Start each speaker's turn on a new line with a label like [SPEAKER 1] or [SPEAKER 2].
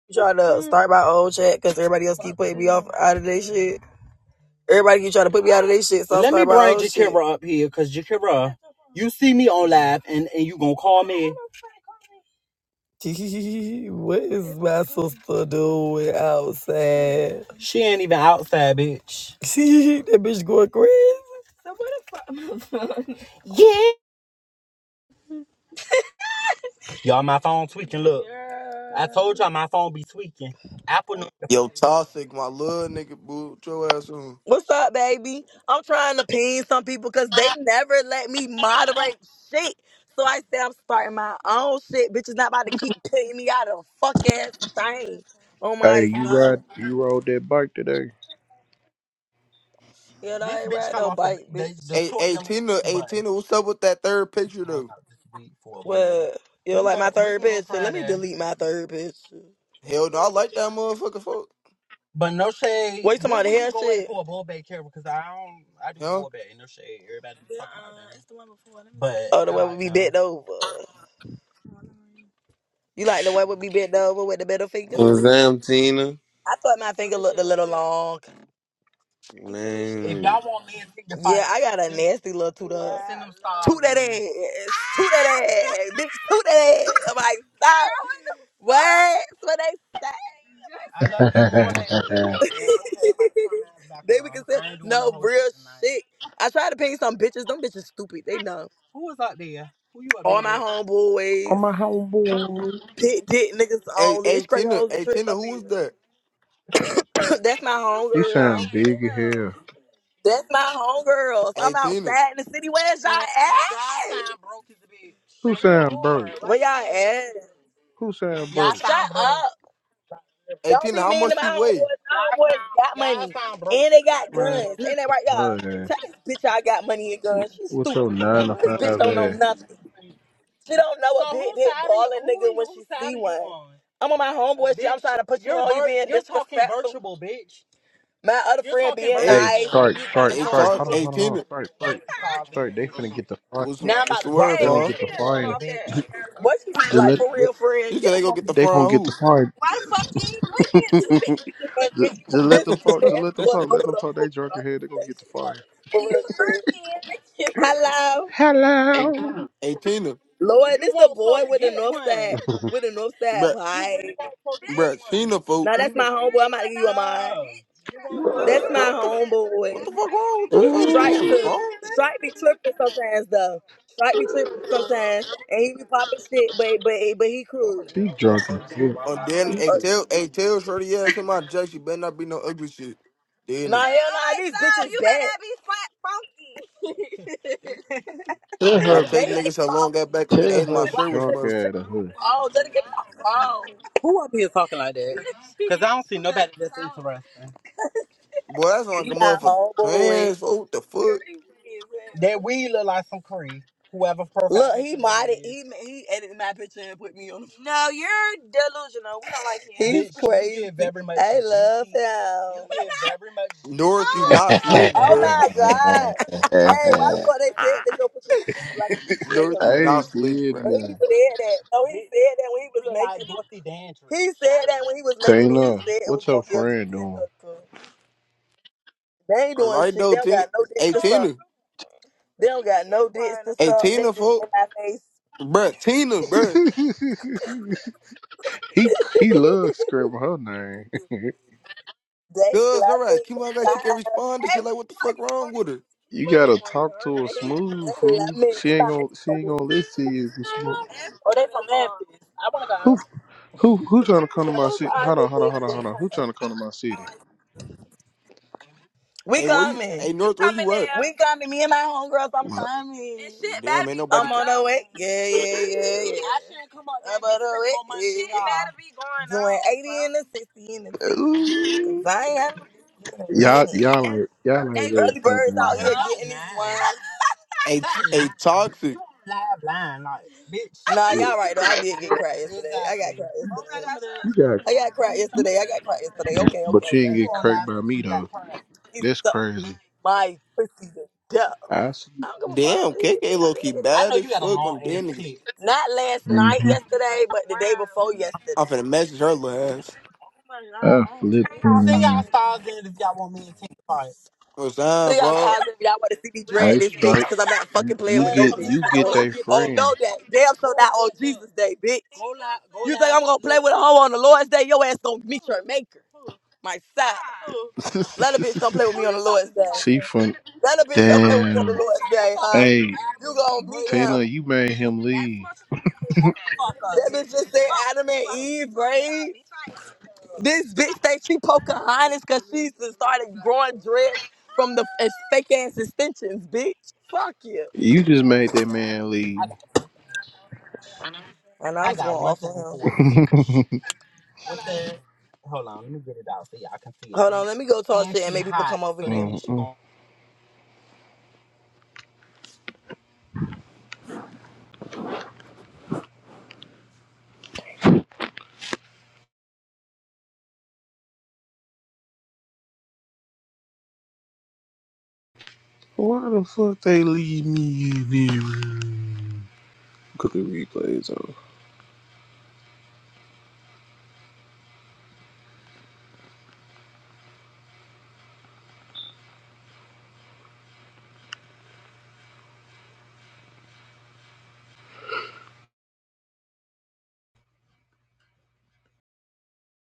[SPEAKER 1] try to start my own chat because everybody else keep putting me off out of their shit. Everybody keep trying to put me out of their shit, so own shit. what is my sister doing outside? that bitch going crazy. yeah.
[SPEAKER 2] Yo, Toxic, my little nigga, boo, put your ass on.
[SPEAKER 1] What's up, baby? I'm trying to ping some people because they never let me moderate shit. So I said I'm starting my own shit. Bitch is not about to keep pinging me out of a fuck ass thing. Oh my
[SPEAKER 3] Hey, you
[SPEAKER 1] son.
[SPEAKER 3] ride you rode that bike today?
[SPEAKER 1] Yeah, I ain't ride no bike, bitch.
[SPEAKER 2] Hey, hey, Tina, hey, Tina, what's up with that third picture, though?
[SPEAKER 1] What? You know, like my third picture? Let me delete my third picture.
[SPEAKER 2] Hell no, I like that motherfucker, fuck.
[SPEAKER 1] Wait, talking about the hair shit?
[SPEAKER 2] Huh?
[SPEAKER 1] that, Oh, the way we be bent over. You like the way we be bent over with the middle finger?
[SPEAKER 2] Hell
[SPEAKER 4] What's
[SPEAKER 2] yeah.
[SPEAKER 4] up, Tina?
[SPEAKER 1] I thought my finger looked a little long. If
[SPEAKER 4] Man,
[SPEAKER 1] Yeah, I got a nasty little toot up. Toot stars that ass. Toot that ass. Bitch, toot that ass. I'm like, stop. What? That's what they they going say. then we can around. say, no, real shit. I try to ping some bitches. Them bitches stupid. They know. All my
[SPEAKER 3] On
[SPEAKER 1] homeboys.
[SPEAKER 3] my homeboy.
[SPEAKER 1] Pit dick niggas
[SPEAKER 2] Hey,
[SPEAKER 1] only.
[SPEAKER 2] hey,
[SPEAKER 1] It's straight
[SPEAKER 2] Tina,
[SPEAKER 1] hoes and
[SPEAKER 2] hey,
[SPEAKER 1] tricks
[SPEAKER 2] Tina,
[SPEAKER 1] up
[SPEAKER 2] who is
[SPEAKER 1] here.
[SPEAKER 2] that?
[SPEAKER 1] That's my
[SPEAKER 3] He sound
[SPEAKER 1] homegirl.
[SPEAKER 3] big as hell.
[SPEAKER 1] That's my homegirls.
[SPEAKER 2] Hey,
[SPEAKER 1] I'm
[SPEAKER 2] Tina.
[SPEAKER 1] outside in the city. Where's y'all at? Broke as a bitch.
[SPEAKER 3] Who
[SPEAKER 1] Lord.
[SPEAKER 3] sound broke?
[SPEAKER 1] Why Where y'all you say at?
[SPEAKER 3] Who sound broke?
[SPEAKER 1] Y'all Shut sound broke. up.
[SPEAKER 2] Hey,
[SPEAKER 1] Don't
[SPEAKER 2] Tina,
[SPEAKER 1] be
[SPEAKER 2] how
[SPEAKER 1] mean
[SPEAKER 2] much
[SPEAKER 1] to my
[SPEAKER 2] she
[SPEAKER 1] homeboys.
[SPEAKER 2] weigh?
[SPEAKER 1] My Y'all homeboys sound, got y'all money. sound broke. And they got
[SPEAKER 3] Man,
[SPEAKER 1] guns.
[SPEAKER 3] get
[SPEAKER 1] Ain't that
[SPEAKER 3] the
[SPEAKER 1] right, y'all?
[SPEAKER 3] hood
[SPEAKER 1] Tell
[SPEAKER 3] ass.
[SPEAKER 1] this bitch I got money and guns. She's
[SPEAKER 3] What's
[SPEAKER 1] stupid.
[SPEAKER 3] your
[SPEAKER 1] We
[SPEAKER 3] nine
[SPEAKER 1] got
[SPEAKER 3] to
[SPEAKER 1] guns This for bitch
[SPEAKER 3] five
[SPEAKER 1] don't know real.
[SPEAKER 3] ass?
[SPEAKER 1] nothing. She don't know So a big whose dick side are you, balling who nigga you, when whose she side see are you one. on? I'm on my homeboy shit. I'm Bitch, trying to put you you're on. You vir- being you're talking disrespectful. virtual, bitch. My other friend being
[SPEAKER 2] Hey,
[SPEAKER 3] Hey,
[SPEAKER 1] nice, and
[SPEAKER 3] strike,
[SPEAKER 1] you trying
[SPEAKER 3] strike,
[SPEAKER 1] to
[SPEAKER 2] hey,
[SPEAKER 1] talk
[SPEAKER 3] strike.
[SPEAKER 1] some
[SPEAKER 2] talk,
[SPEAKER 3] Hold on,
[SPEAKER 2] hey,
[SPEAKER 1] shit.
[SPEAKER 3] hold on, hold on.
[SPEAKER 2] Tina,
[SPEAKER 3] Strike, strike, strike. They finna get the fine.
[SPEAKER 2] what's the, what's the
[SPEAKER 1] Hey,
[SPEAKER 2] word
[SPEAKER 3] They
[SPEAKER 1] that
[SPEAKER 3] gonna
[SPEAKER 2] for her?
[SPEAKER 3] get the fine.
[SPEAKER 1] What you
[SPEAKER 3] Just
[SPEAKER 1] like
[SPEAKER 3] let,
[SPEAKER 1] for real,
[SPEAKER 2] You
[SPEAKER 1] friend? Get
[SPEAKER 2] said
[SPEAKER 1] a
[SPEAKER 2] they
[SPEAKER 1] fuck
[SPEAKER 2] gonna get the
[SPEAKER 3] they gonna
[SPEAKER 2] front
[SPEAKER 3] get the
[SPEAKER 2] who?
[SPEAKER 3] fine.
[SPEAKER 1] bitch. You were
[SPEAKER 3] just, just let
[SPEAKER 1] supposed to
[SPEAKER 3] them
[SPEAKER 1] be
[SPEAKER 3] talk.
[SPEAKER 1] the
[SPEAKER 3] Just
[SPEAKER 1] ass
[SPEAKER 3] let them talk. Let them
[SPEAKER 1] the
[SPEAKER 3] talk. They
[SPEAKER 1] whole
[SPEAKER 3] drunk ahead. They gonna get the
[SPEAKER 1] conversation. Like,
[SPEAKER 3] fine.
[SPEAKER 1] for real, friend. Hello,
[SPEAKER 3] Hello.
[SPEAKER 2] hey, Tina,
[SPEAKER 1] Lord. You This the boy with the north side, with the north side
[SPEAKER 2] bruh,
[SPEAKER 1] You vibe.
[SPEAKER 2] bruh, Tina, folk.
[SPEAKER 1] Now that's my homeboy. I'm about to give you a mind. That's forget
[SPEAKER 2] Bro,
[SPEAKER 1] my
[SPEAKER 2] what the,
[SPEAKER 1] one.
[SPEAKER 2] what
[SPEAKER 1] homeboy.
[SPEAKER 2] the fuck wrong with this? Oh, she
[SPEAKER 1] Strike
[SPEAKER 3] Ooh,
[SPEAKER 2] can't
[SPEAKER 1] to
[SPEAKER 2] respond.
[SPEAKER 1] Strike be tripping sometimes though. Strike be tripping sometimes, and he be popping shit, but but but he cool.
[SPEAKER 3] she drunk. as fuck.
[SPEAKER 2] On then a
[SPEAKER 1] Uh,
[SPEAKER 2] tell a tell shorty ass in my jacket. You better not be no ugly shit. Then
[SPEAKER 1] nah, hell
[SPEAKER 2] niggas.
[SPEAKER 1] nah, these bitches you dead. Gotta be fu-
[SPEAKER 3] Tell
[SPEAKER 2] I
[SPEAKER 3] her,
[SPEAKER 1] funky.
[SPEAKER 2] chased
[SPEAKER 1] They ain't
[SPEAKER 2] niggas so
[SPEAKER 1] phone
[SPEAKER 2] long got back on the
[SPEAKER 3] tell
[SPEAKER 2] edge. My
[SPEAKER 3] her
[SPEAKER 2] shirt was
[SPEAKER 3] drunk
[SPEAKER 2] musty.
[SPEAKER 3] out of her.
[SPEAKER 1] phones. They done get my phone. Who up here talking like that?
[SPEAKER 2] Boy, that's like a
[SPEAKER 1] These my
[SPEAKER 2] motherfucker.
[SPEAKER 1] homeboy.
[SPEAKER 2] Trans. oh, What the fuck?
[SPEAKER 1] Look, he modded. He he edited my picture and put me on. The, him. he's crazy. I love him. G T
[SPEAKER 2] North, you not slick,
[SPEAKER 1] Oh
[SPEAKER 2] bruh.
[SPEAKER 1] my god. yeah. Hey, why the fuck they said that your picture made me look like a GTA
[SPEAKER 2] North,
[SPEAKER 3] I
[SPEAKER 2] you
[SPEAKER 1] hooker?
[SPEAKER 2] not
[SPEAKER 3] ain't
[SPEAKER 2] slick,
[SPEAKER 3] did
[SPEAKER 2] bruh.
[SPEAKER 1] And he
[SPEAKER 3] nothing.
[SPEAKER 1] said that. No, he said that when he you was you making it. He said that when he was making it, he
[SPEAKER 3] Tina,
[SPEAKER 1] said it
[SPEAKER 3] what's
[SPEAKER 1] was
[SPEAKER 3] your
[SPEAKER 1] gonna give
[SPEAKER 3] friend
[SPEAKER 1] GTA
[SPEAKER 3] doing?
[SPEAKER 1] hooker. They ain't
[SPEAKER 2] All
[SPEAKER 1] doing
[SPEAKER 2] right
[SPEAKER 1] shit.
[SPEAKER 2] though,
[SPEAKER 1] They don't
[SPEAKER 2] Tina.
[SPEAKER 1] got no dick
[SPEAKER 2] Hey
[SPEAKER 1] to suck.
[SPEAKER 2] Tina.
[SPEAKER 1] They don't got no dicks to
[SPEAKER 2] Hey
[SPEAKER 1] suck. They that.
[SPEAKER 2] Tina,
[SPEAKER 1] just
[SPEAKER 2] folk.
[SPEAKER 1] in my face.
[SPEAKER 2] Bruh, Tina, bruh.
[SPEAKER 3] he he loves screaming her name.
[SPEAKER 1] They
[SPEAKER 2] Cuz, all
[SPEAKER 1] love
[SPEAKER 2] right.
[SPEAKER 1] me.
[SPEAKER 2] Keep on guys. She can't respond. And shit like, what the fuck wrong with her?
[SPEAKER 3] You gotta talk to her
[SPEAKER 1] They
[SPEAKER 3] smooth, fool.
[SPEAKER 1] love me.
[SPEAKER 3] She
[SPEAKER 1] We
[SPEAKER 3] ain't
[SPEAKER 1] about to
[SPEAKER 3] gonna she
[SPEAKER 1] come
[SPEAKER 3] ain't
[SPEAKER 1] with.
[SPEAKER 3] gonna listen to you if you smoke. Who who who trying to come to my city? Hold on, hold on, hold on, hold on. Who trying to come to my city?
[SPEAKER 1] We
[SPEAKER 2] Hey, where you?
[SPEAKER 1] coming.
[SPEAKER 2] Hey North, where you at?
[SPEAKER 1] We coming. Me and my homegirls, I'm
[SPEAKER 3] My-
[SPEAKER 1] coming.
[SPEAKER 2] Damn, ain't
[SPEAKER 1] I'm
[SPEAKER 2] nobody. ca-
[SPEAKER 1] on the way. Yeah, yeah, yeah, yeah. I shouldn't come up there I'm on the way. on my shit, y'all. Doing 80 and a 60 and the 60. Cause
[SPEAKER 3] Ooh.
[SPEAKER 1] I ain't had no business in a
[SPEAKER 3] Y'all
[SPEAKER 1] minute.
[SPEAKER 3] y'all ain't y'all ain't ready to
[SPEAKER 1] Early
[SPEAKER 3] come
[SPEAKER 1] birds
[SPEAKER 3] down
[SPEAKER 1] out here
[SPEAKER 3] here.
[SPEAKER 1] getting this one.
[SPEAKER 2] Hey, t- hey, toxic.
[SPEAKER 1] Nah,
[SPEAKER 3] Look,
[SPEAKER 1] y'all right though. I did get cracked yesterday. I got cracked yesterday.
[SPEAKER 3] you gotta
[SPEAKER 1] I got cracked yesterday. I got cracked yesterday. Okay, okay,
[SPEAKER 3] But you
[SPEAKER 1] okay,
[SPEAKER 3] didn't
[SPEAKER 1] okay.
[SPEAKER 3] get cracked
[SPEAKER 1] cracked.
[SPEAKER 3] by me though.
[SPEAKER 1] He
[SPEAKER 3] That's
[SPEAKER 1] sucked
[SPEAKER 3] crazy.
[SPEAKER 1] my pussy to death.
[SPEAKER 3] I see.
[SPEAKER 1] I don't give a fuck.
[SPEAKER 2] Damn,
[SPEAKER 1] He did-
[SPEAKER 2] KK low key bad as fuck on dead niggas.
[SPEAKER 1] Not last
[SPEAKER 3] hmm
[SPEAKER 1] night, yesterday, but the day before
[SPEAKER 2] I'm
[SPEAKER 1] yesterday.
[SPEAKER 2] finna message her last.
[SPEAKER 3] I flip. man.
[SPEAKER 2] What's
[SPEAKER 1] So
[SPEAKER 2] up,
[SPEAKER 1] y'all
[SPEAKER 2] fuck?
[SPEAKER 1] size if y'all want to see me
[SPEAKER 3] I
[SPEAKER 1] drag this bitch,
[SPEAKER 3] strike.
[SPEAKER 1] cause I'm not fucking
[SPEAKER 3] You,
[SPEAKER 1] playing
[SPEAKER 3] you
[SPEAKER 1] with no
[SPEAKER 3] get
[SPEAKER 1] bitch.
[SPEAKER 3] you get
[SPEAKER 1] On,
[SPEAKER 3] they
[SPEAKER 1] on no day,
[SPEAKER 3] friends.
[SPEAKER 1] damn sure go not on Jesus Day, bitch. You think I'm gonna play with a hoe on the Lord's Day? Your ass gonna meet your maker. my side. Let a bitch come play with me on the Lord's day.
[SPEAKER 3] see from
[SPEAKER 1] Let a bitch come play with me on the
[SPEAKER 3] damn.
[SPEAKER 1] Lord's day, huh?
[SPEAKER 3] Hey
[SPEAKER 1] You gonna beat
[SPEAKER 3] Tina,
[SPEAKER 1] him.
[SPEAKER 3] you made him leave.
[SPEAKER 1] That bitch just said Adam and Eve, right? This bitch thinks she Pocahontas because she started growing dreads from the as fake ass extensions, bitch. Fuck you.
[SPEAKER 3] You just made that man leave.
[SPEAKER 1] I know I was going off on him. Hold on, let me go talk shit and make people come over here.
[SPEAKER 3] Mm-mm. Why the fuck they leave me in there? Look at the replays on.